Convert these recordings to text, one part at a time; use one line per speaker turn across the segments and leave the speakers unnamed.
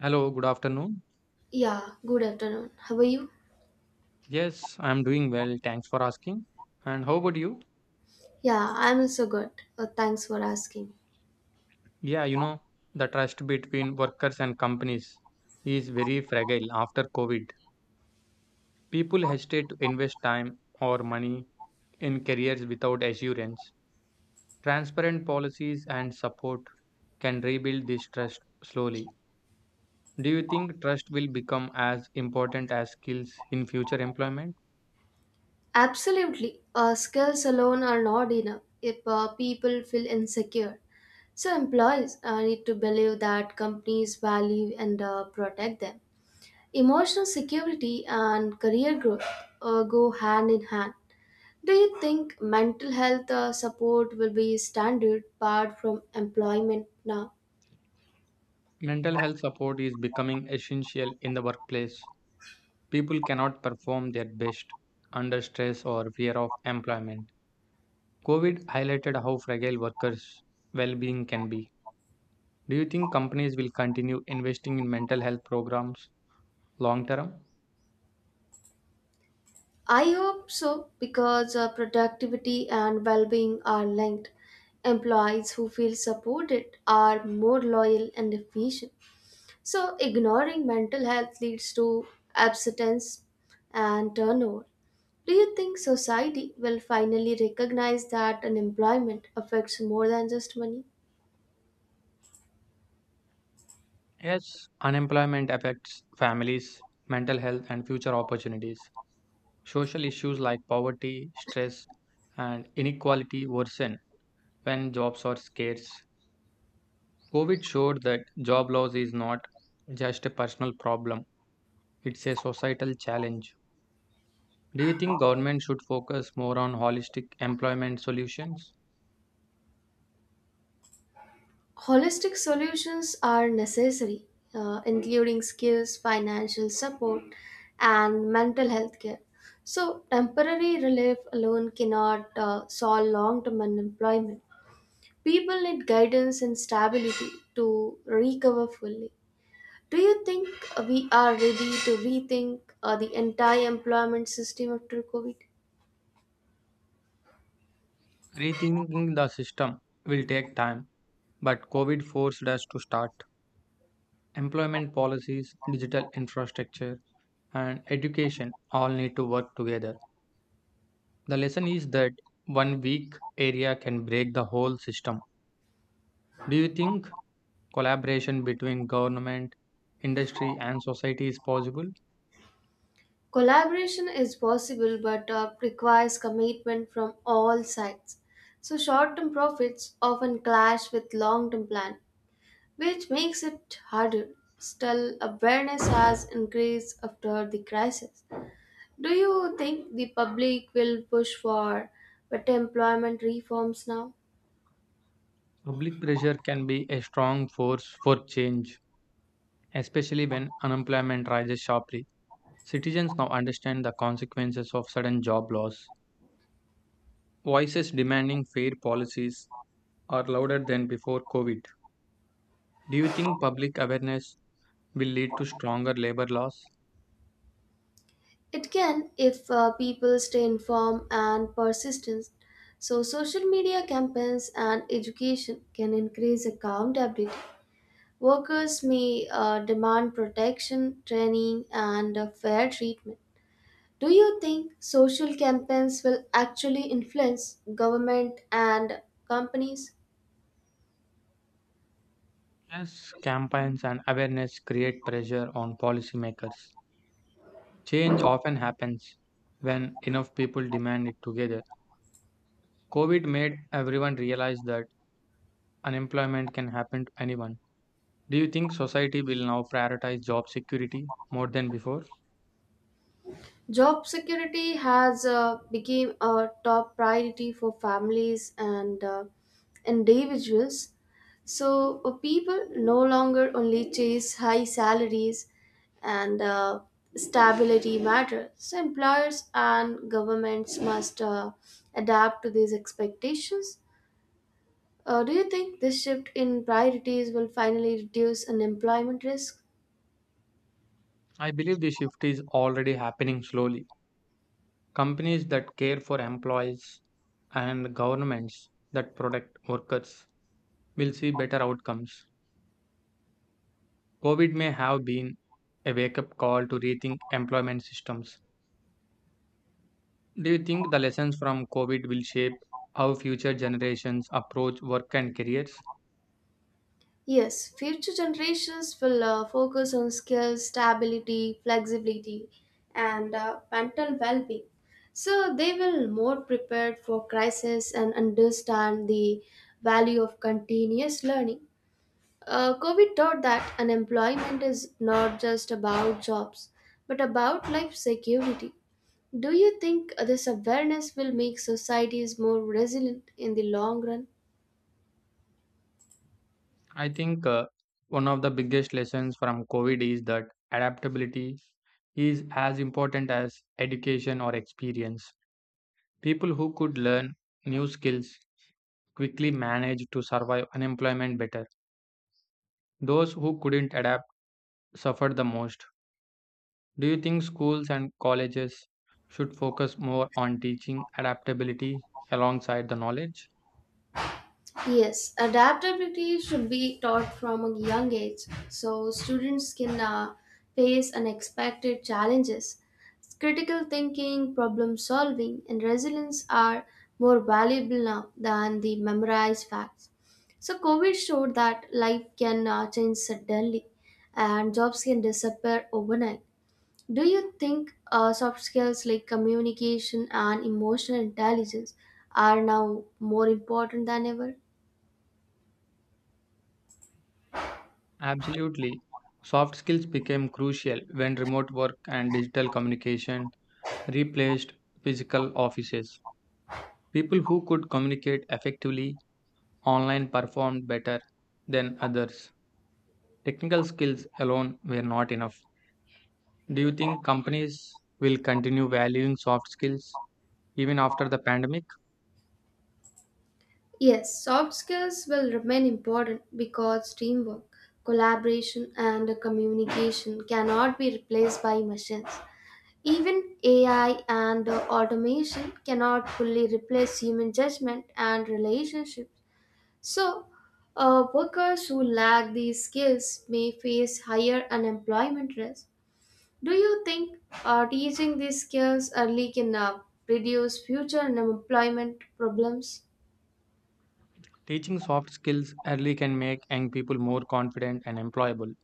Hello, good afternoon.
Yeah, good afternoon. How are you?
Yes, I'm doing well. Thanks for asking. And how about you?
Yeah, I'm also good. Thanks for asking.
Yeah, you know, the trust between workers and companies is very fragile after COVID. People hesitate to invest time or money in careers without assurance. Transparent policies and support can rebuild this trust slowly. Do you think trust will become as important as skills in future employment?
Absolutely. Skills alone are not enough if people feel insecure. So, employees need to believe that companies value and protect them. Emotional security and career growth go hand in hand. Do you think mental health support will be standard part from employment now?
Mental health support is becoming essential in the workplace. People cannot perform their best under stress or fear of employment. COVID highlighted how fragile workers' well being can be. Do you think companies will continue investing in mental health programs long term?
I hope so because productivity and well being are linked. Employees who feel supported are more loyal and efficient. So, ignoring mental health leads to abstinence and turnover. Do you think society will finally recognize that unemployment affects more than just money?
Yes, unemployment affects families, mental health, and future opportunities. Social issues like poverty, stress, and inequality worsen when jobs are scarce. COVID showed that job loss is not just a personal problem, it's a societal challenge. Do you think government should focus more on holistic employment solutions?
Holistic solutions are necessary, including skills, financial support, and mental health care. So, temporary relief alone cannot solve long term unemployment. People need guidance and stability to recover fully. Do you think we are ready to rethink the entire employment system after COVID?
Rethinking the system will take time, but COVID forced us to start. Employment policies, digital infrastructure, and education all need to work together. The lesson is that one weak area can break the whole system. Do you think collaboration between government, industry, and society is possible?
Collaboration is possible but requires commitment from all sides. So, short term profits often clash with long term plan, which makes it harder. Still, awareness has increased after the crisis. Do you think the public will push for better employment reforms now?
Public pressure can be a strong force for change, especially when unemployment rises sharply. Citizens now understand the consequences of sudden job loss. Voices demanding fair policies are louder than before COVID. Do you think public awareness will lead to stronger labor laws?
It can if people stay informed and persistent. So, social media campaigns and education can increase accountability. Workers may demand protection, training, and fair treatment. Do you think social campaigns will actually influence government and companies?
Yes, campaigns and awareness create pressure on policymakers. Change often happens when enough people demand it together. COVID made everyone realize that unemployment can happen to anyone. Do you think society will now prioritize job security more than before?
Job security has become a top priority for families and individuals. So people no longer only chase high salaries and stability matters. So employers and governments must adapt to these expectations. Do you think this shift in priorities will finally reduce unemployment risk?
I believe the shift is already happening slowly. Companies that care for employees and governments that protect workers will see better outcomes. COVID may have been a wake up call to rethink employment systems. Do you think the lessons from COVID will shape how future generations approach work and careers?
Yes, future generations will focus on skills, stability, flexibility, and mental well being. So they will more prepared for crisis and understand the value of continuous learning. COVID taught that unemployment is not just about jobs, but about life security. Do you think this awareness will make societies more resilient in the long run?
I think one of the biggest lessons from COVID is that adaptability is as important as education or experience. People who could learn new skills quickly managed to survive unemployment better. Those who couldn't adapt suffered the most. Do you think schools and colleges should focus more on teaching adaptability alongside the knowledge?
Yes, adaptability should be taught from a young age so students can face unexpected challenges. Critical thinking, problem solving, and resilience are more valuable now than the memorized facts. So, COVID showed that life can change suddenly and jobs can disappear overnight. Do you think soft skills like communication and emotional intelligence are now more important than ever?
Absolutely. Soft skills became crucial when remote work and digital communication replaced physical offices. People who could communicate effectively online performed better than others. Technical skills alone were not enough. Do you think companies will continue valuing soft skills even after the pandemic?
Yes, soft skills will remain important because teamwork, collaboration, and communication cannot be replaced by machines. Even AI and automation cannot fully replace human judgment and relationships. So, workers who lack these skills may face higher unemployment risk. Do you think teaching these skills early can reduce future unemployment problems?
Teaching soft skills early can make young people more confident and employable.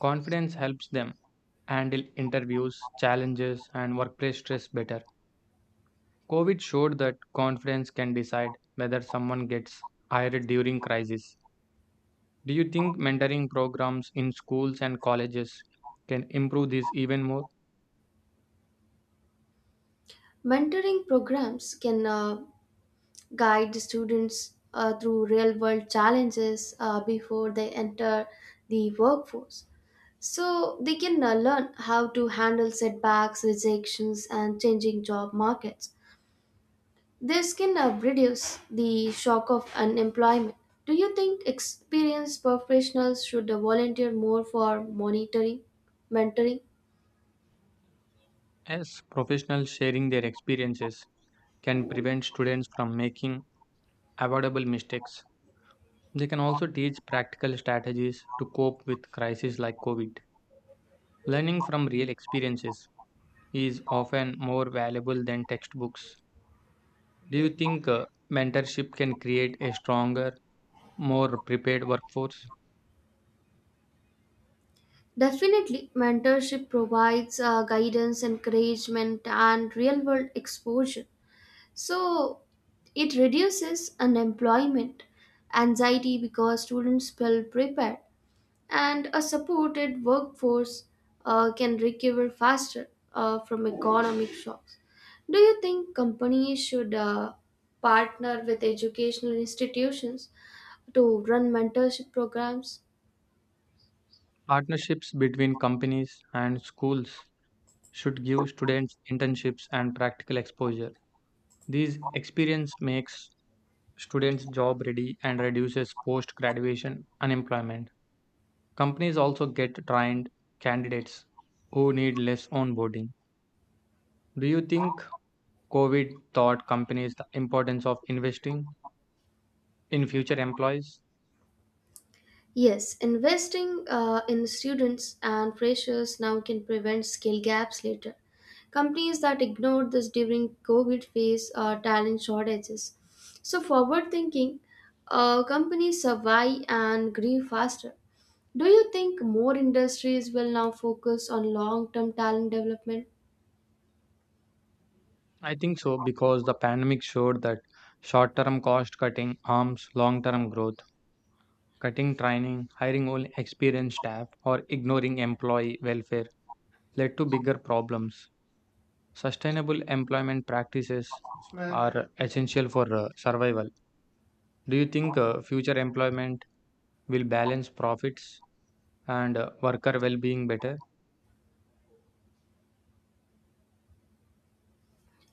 Confidence helps them handle interviews, challenges, and workplace stress better. COVID showed that confidence can decide whether someone gets hired during crisis. Do you think mentoring programs in schools and colleges can improve this even more?
Mentoring programs can guide the students through real world challenges before they enter the workforce. So they can learn how to handle setbacks, rejections, and changing job markets. This can reduce the shock of unemployment. Do you think experienced professionals should volunteer more for mentoring?
As professionals sharing their experiences can prevent students from making avoidable mistakes. They can also teach practical strategies to cope with crises like COVID. Learning from real experiences is often more valuable than textbooks. Do you think mentorship can create a stronger, more prepared workforce?
Definitely, mentorship provides guidance, encouragement, and real world exposure. So, it reduces unemployment, anxiety because students feel prepared, and a supported workforce can recover faster from economic shocks. Do you think companies should partner with educational institutions to run mentorship programs?
Partnerships between companies and schools should give students internships and practical exposure. This experience makes students job ready and reduces post graduation unemployment. Companies also get trained candidates who need less onboarding. Do you think COVID taught companies the importance of investing in future employees?
Yes, investing in students and freshers now can prevent skill gaps later. Companies that ignored this during COVID face talent shortages. So, forward thinking, companies survive and grow faster. Do you think more industries will now focus on long term talent development?
I think so because the pandemic showed that short term cost cutting harms long term growth. Cutting training, hiring only experienced staff, or ignoring employee welfare led to bigger problems. Sustainable employment practices are essential for survival. Do you think future employment will balance profits and worker well being better?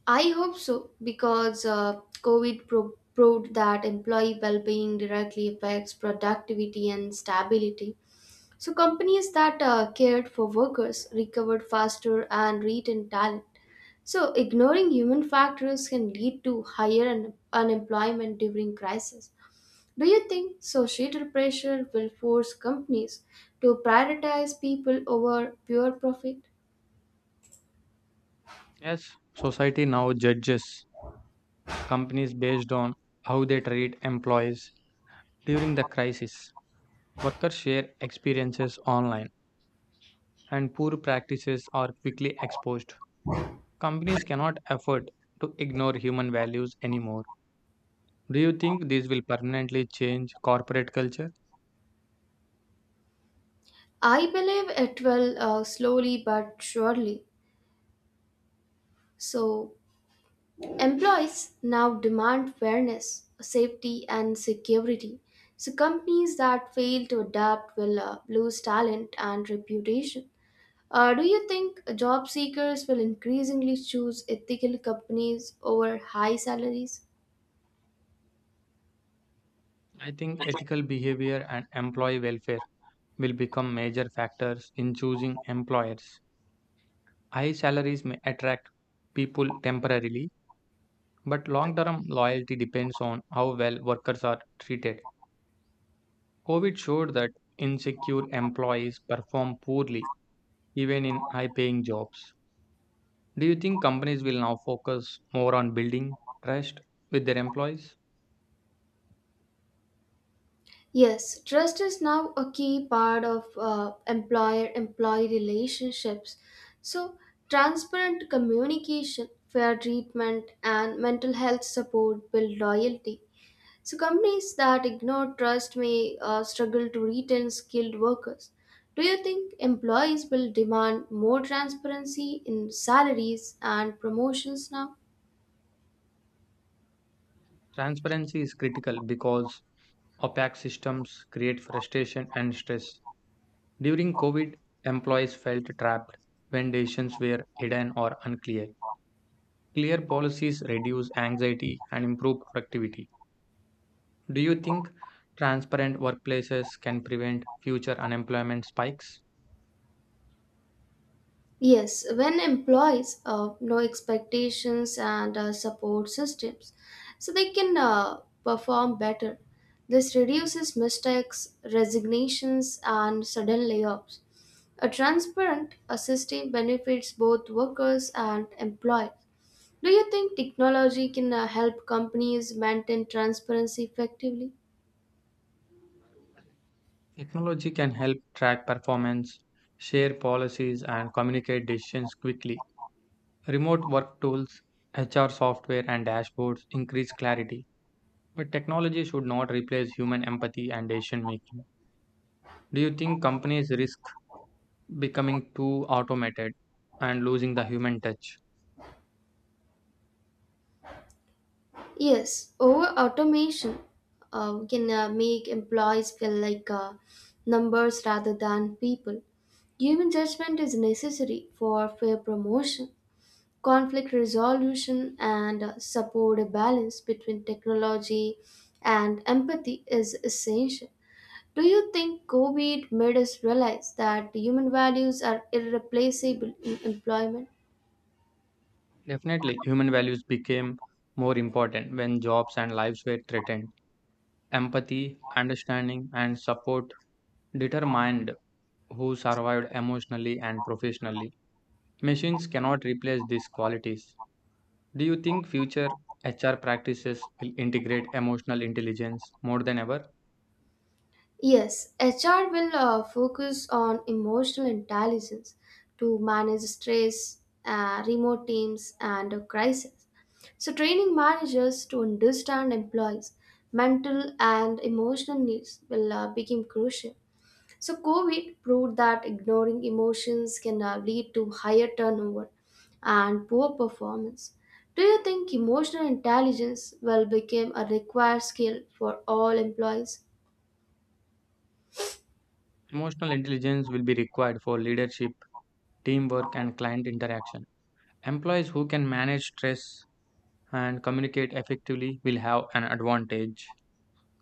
I hope so because COVID proved that employee well being directly affects productivity and stability. So, companies that cared for workers recovered faster and retained talent. So, ignoring human factors can lead to higher unemployment during crisis. Do you think societal pressure will force companies to prioritize people over pure profit?
Yes, society now judges companies based on how they treat employees. During the crisis, workers share experiences online and poor practices are quickly exposed. Companies cannot afford to ignore human values anymore. Do you think this will permanently change corporate culture?
I believe it will slowly but surely. So, employees now demand fairness, safety, and security. So, companies that fail to adapt will lose talent and reputation. Do you think job seekers will increasingly choose ethical companies over high salaries?
I think ethical behavior and employee welfare will become major factors in choosing employers. High salaries may attract people temporarily, but long term loyalty depends on how well workers are treated. COVID showed that insecure employees perform poorly even in high paying jobs. Do you think companies will now focus more on building trust with their employees?
Yes, trust is now a key part of employer employee relationships. So, transparent communication, fair treatment, and mental health support build loyalty. So companies that ignore trust may struggle to retain skilled workers. Do you think employees will demand more transparency in salaries and promotions now?
Transparency is critical because opaque systems create frustration and stress. During COVID, employees felt trapped when decisions were hidden or unclear. Clear policies reduce anxiety and improve productivity. Do you think transparent workplaces can prevent future unemployment spikes?
Yes, when employees know expectations and support systems, so they can perform better. This reduces mistakes, resignations, and sudden layoffs. A transparent system benefits both workers and employees. Do you think technology can help companies maintain transparency effectively?
Technology can help track performance, share policies, and communicate decisions quickly. Remote work tools, HR software, and dashboards increase clarity. But technology should not replace human empathy and decision making. Do you think companies risk becoming too automated and losing the human touch?
Yes, over automation we can make employees feel like numbers rather than people. Human judgment is necessary for fair promotion, conflict resolution, and support a balance between technology and empathy is essential. Do you think COVID made us realize that human values are irreplaceable in employment?
Definitely, human values became more important when jobs and lives were threatened. Empathy, understanding, and support determined who survived emotionally and professionally. Machines cannot replace these qualities. Do you think future HR practices will integrate emotional intelligence more than ever?
Yes, HR will focus on emotional intelligence to manage stress, remote teams, and a crisis. So, training managers to understand employees' mental and emotional needs will become crucial. So, COVID proved that ignoring emotions can lead to higher turnover and poor performance. Do you think emotional intelligence will become a required skill for all employees?
Emotional intelligence will be required for leadership, teamwork, and client interaction. Employees who can manage stress and communicate effectively will have an advantage.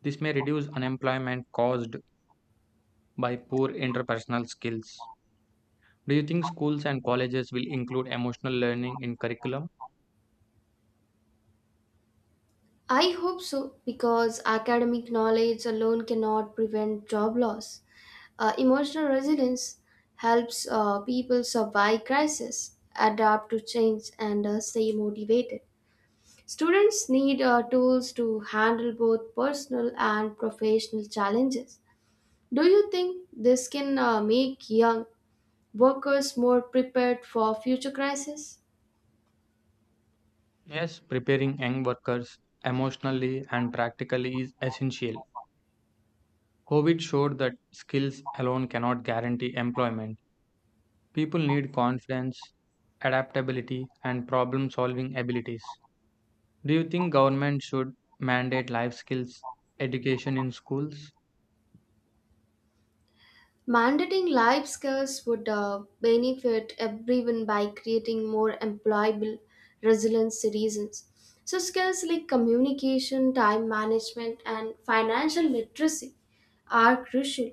This may reduce unemployment caused by poor interpersonal skills. Do you think schools and colleges will include emotional learning in curriculum?
I hope so because academic knowledge alone cannot prevent job loss. Emotional resilience helps people survive crisis, adapt to change, and stay motivated. Students need tools to handle both personal and professional challenges. Do you think this can make young workers more prepared for future crises?
Yes, preparing young workers emotionally and practically is essential. COVID showed that skills alone cannot guarantee employment. People need confidence, adaptability, and problem solving abilities. Do you think government should mandate life skills education in schools?
Mandating life skills would benefit everyone by creating more employable, resilient citizens. So, skills like communication, time management, and financial literacy are crucial.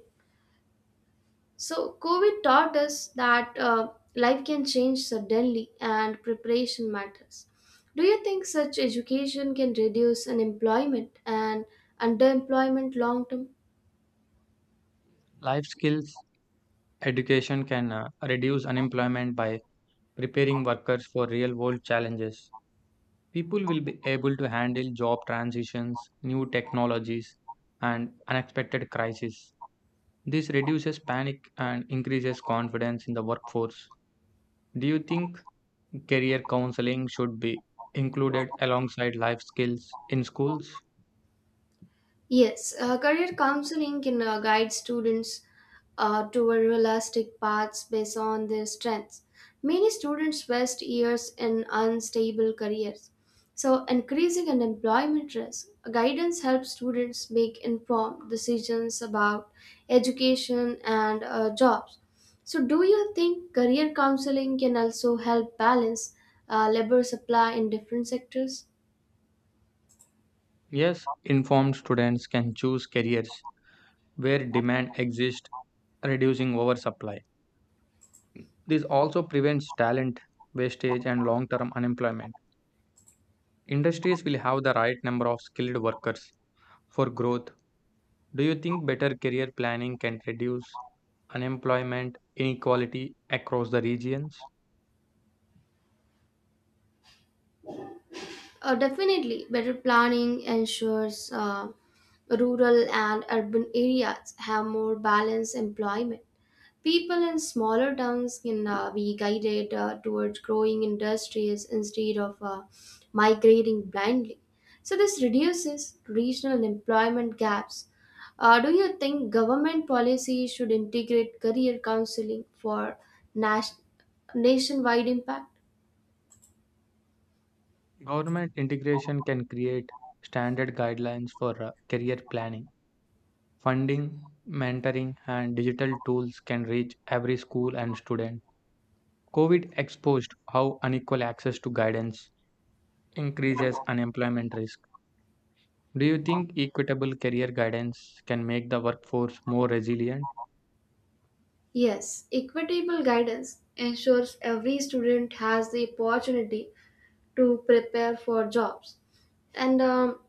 So, COVID taught us that life can change suddenly and preparation matters. Do you think such education can reduce unemployment and underemployment long term?
Life skills education can reduce unemployment by preparing workers for real world challenges. People will be able to handle job transitions, new technologies, and unexpected crises. This reduces panic and increases confidence in the workforce. Do you think career counseling should be included alongside life skills in schools?
Yes, career counseling can guide students toward realistic paths based on their strengths. Many students waste years in unstable careers, so increasing unemployment risk. Guidance helps students make informed decisions about education and jobs. So, do you think career counseling can also help balance labor supply in different sectors?
Yes, informed students can choose careers where demand exists, reducing oversupply. This also prevents talent wastage and long term unemployment. Industries will have the right number of skilled workers for growth. Do you think better career planning can reduce unemployment inequality across the regions?
Definitely, better planning ensures rural and urban areas have more balanced employment. People in smaller towns can be guided towards growing industries instead of migrating blindly. So this reduces regional employment gaps. Do you think government policy should integrate career counseling for nas- nationwide impact?
Government integration can create standard guidelines for career planning. Funding, mentoring, and digital tools can reach every school and student. COVID exposed how unequal access to guidance increases unemployment risk. Do you think equitable career guidance can make the workforce more resilient?
Yes, equitable guidance ensures every student has the opportunity to prepare for jobs, and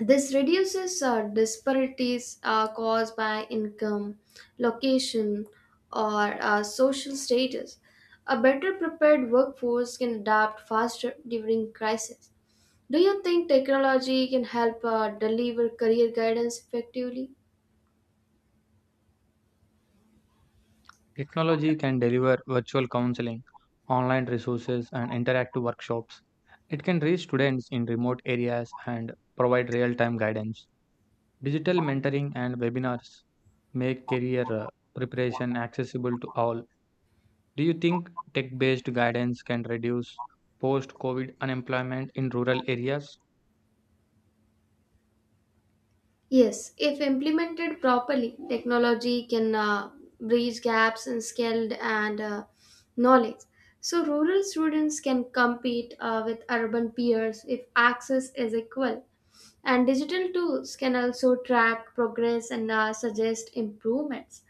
this reduces disparities caused by income, location, or social status. A better prepared workforce can adapt faster during crisis. Do you think technology can help deliver career guidance effectively?
Technology can deliver virtual counseling, online resources, and interactive workshops. It can reach students in remote areas and provide real time guidance. Digital mentoring and webinars make career preparation accessible to all. Do you think tech based guidance can reduce post COVID unemployment in rural areas?
Yes, if implemented properly, technology can bridge gaps in skilled and knowledge. So, rural students can compete with urban peers if access is equal. And digital tools can also track progress and suggest improvements.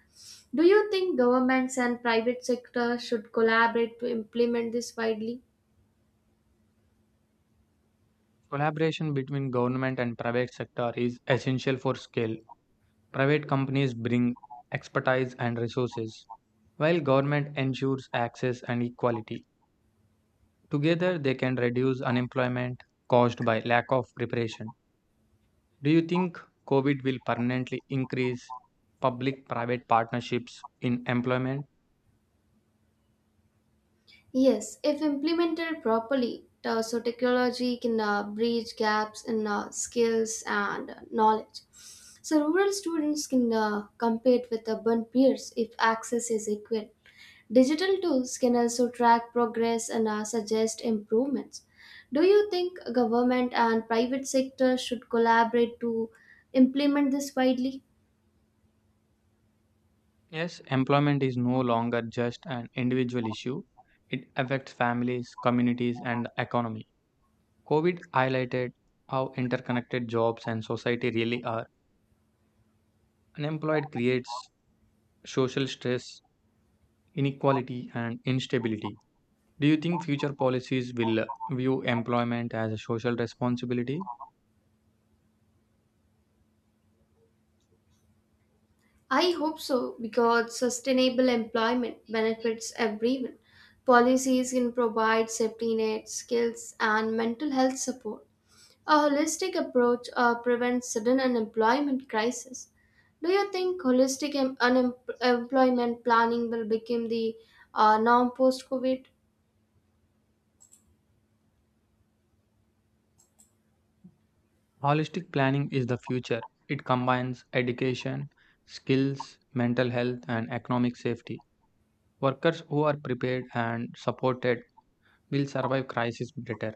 Do you think governments and private sector should collaborate to implement this widely?
Collaboration between government and private sector is essential for scale. Private companies bring expertise and resources, while government ensures access and equality. Together, they can reduce unemployment caused by lack of preparation. Do you think COVID will permanently increase public private partnerships in employment?
Yes, if implemented properly, so technology can bridge gaps in skills and knowledge. So rural students can compete with urban peers if access is equal. Digital tools can also track progress and suggest improvements. Do you think government and private sector should collaborate to implement this widely?
Yes, employment is no longer just an individual issue, it affects families, communities, and the economy. COVID highlighted how interconnected jobs and society really are. Unemployed creates social stress, inequality, and instability. Do you think future policies will view employment as a social responsibility?
I hope so because sustainable employment benefits everyone. Policies can provide safety nets, skills, and mental health support. A holistic approach prevents sudden unemployment crisis. Do you think holistic unemployment planning will become the norm post-COVID?
Holistic planning is the future. It combines education, skills, mental health, and economic safety. Workers who are prepared and supported will survive crisis better.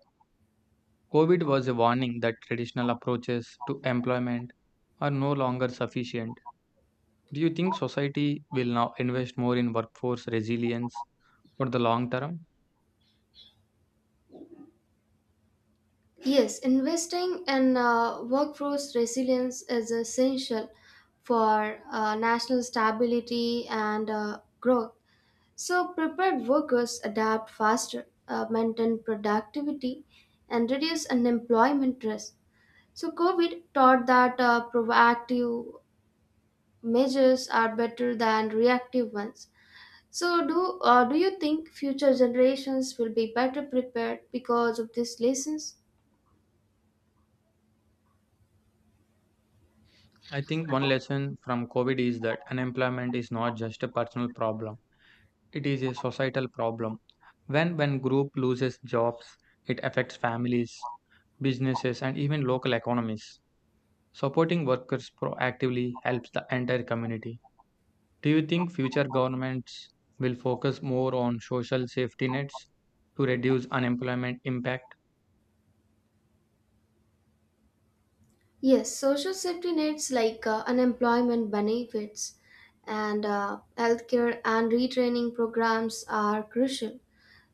COVID was a warning that traditional approaches to employment are no longer sufficient. Do you think society will now invest more in workforce resilience for the long term?
Yes, investing in workforce resilience is essential for national stability and growth. So, prepared workers adapt faster, maintain productivity, and reduce unemployment risk. So, COVID taught that proactive measures are better than reactive ones. So, do you think future generations will be better prepared because of these lessons?
I think one lesson from COVID is that unemployment is not just a personal problem, it is a societal problem. When group loses jobs, it affects families, businesses and even local economies. Supporting workers proactively helps the entire community. Do you think future governments will focus more on social safety nets to reduce unemployment impact?
Yes, social safety nets like unemployment benefits and healthcare and retraining programs are crucial.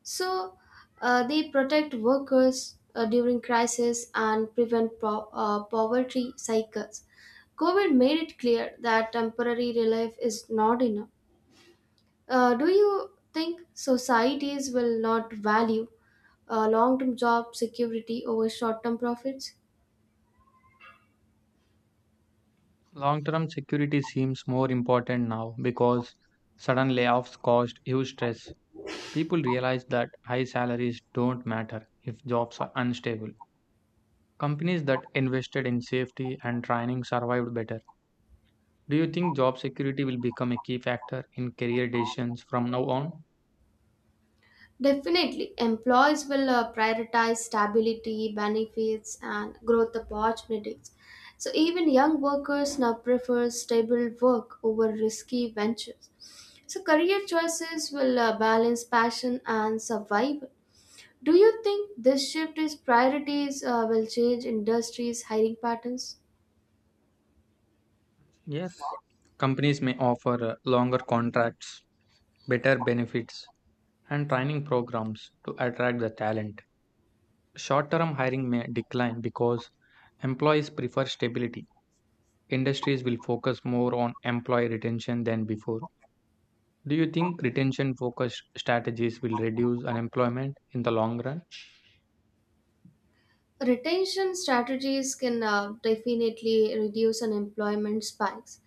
So they protect workers during crisis and prevent poverty cycles. COVID made it clear that temporary relief is not enough. Do you think societies will not value long term job security over short term profits?
Long term security seems more important now because sudden layoffs caused huge stress. People realize that high salaries don't matter if jobs are unstable. Companies that invested in safety and training survived better. Do you think job security will become a key factor in career decisions from now on?
Definitely, employees will prioritize stability, benefits, and growth opportunities. So even young workers now prefer stable work over risky ventures. So career choices will balance passion and survival. Do you think this shift in priorities will change industries' hiring patterns?
Yes. Companies may offer longer contracts, better benefits, and training programs to attract the talent. Short term hiring may decline because employees prefer stability. Industries will focus more on employee retention than before. Do you think retention focused strategies will reduce unemployment in the long run?
Retention strategies can definitely reduce unemployment spikes.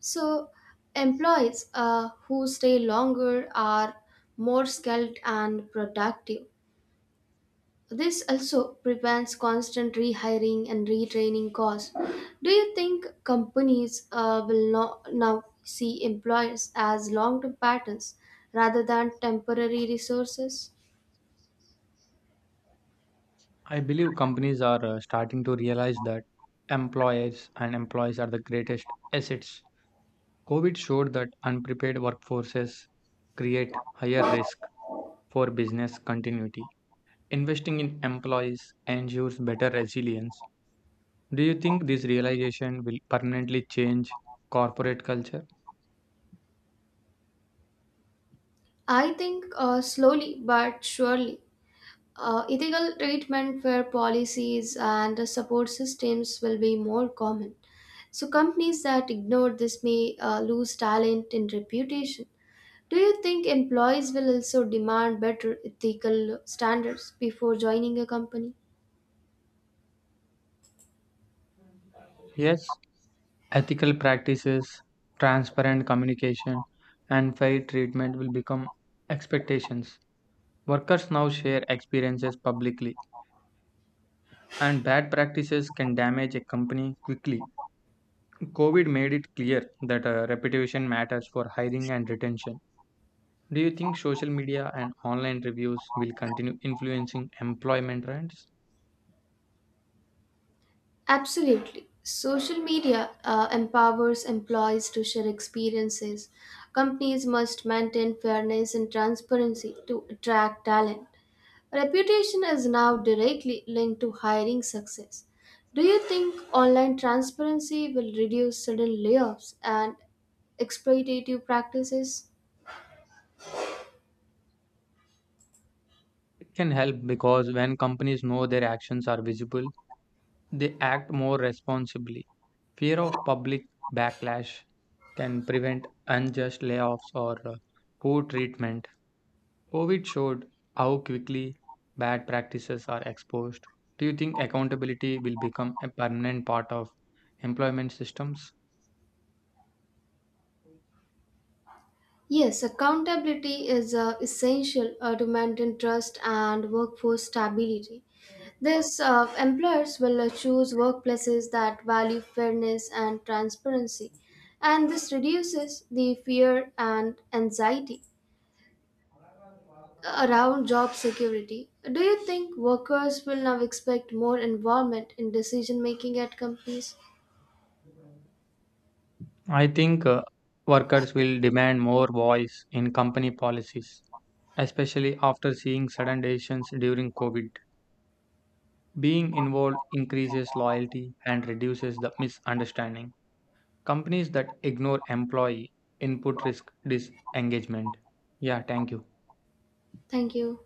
So, employees who stay longer are more skilled and productive. This also prevents constant rehiring and retraining costs. Do you think companies will now see employers as long term patterns rather than temporary resources?
I believe companies are starting to realize that employers and employees are the greatest assets. COVID showed that unprepared workforces create higher risk for business continuity. Investing in employees ensures better resilience. Do you think this realization will permanently change corporate culture?
I think slowly but surely ethical treatment where policies and the support systems will be more common. So, companies that ignore this may lose talent and reputation. Do you think employees will also demand better ethical standards before joining a company?
Yes, ethical practices, transparent communication, and fair treatment will become expectations. Workers now share experiences publicly, and bad practices can damage a company quickly. COVID made it clear that reputation matters for hiring and retention. Do you think social media and online reviews will continue influencing employment trends?
Absolutely. Social media empowers employees to share experiences. Companies must maintain fairness and transparency to attract talent. Reputation is now directly linked to hiring success. Do you think online transparency will reduce sudden layoffs and exploitative practices?
It can help because when companies know their actions are visible, they act more responsibly. Fear of public backlash can prevent unjust layoffs or poor treatment. COVID showed how quickly bad practices are exposed. Do you think accountability will become a permanent part of employment systems?
Yes, accountability is essential to maintain trust and workforce stability. This employers will choose workplaces that value fairness and transparency, and this reduces the fear and anxiety around job security. Do you think workers will now expect more involvement in decision making at companies?
I think workers will demand more voice in company policies, especially after seeing sudden decisions during COVID. Being involved increases loyalty and reduces the misunderstanding. Companies that ignore employee input risk disengagement. Yeah, thank you.
Thank you.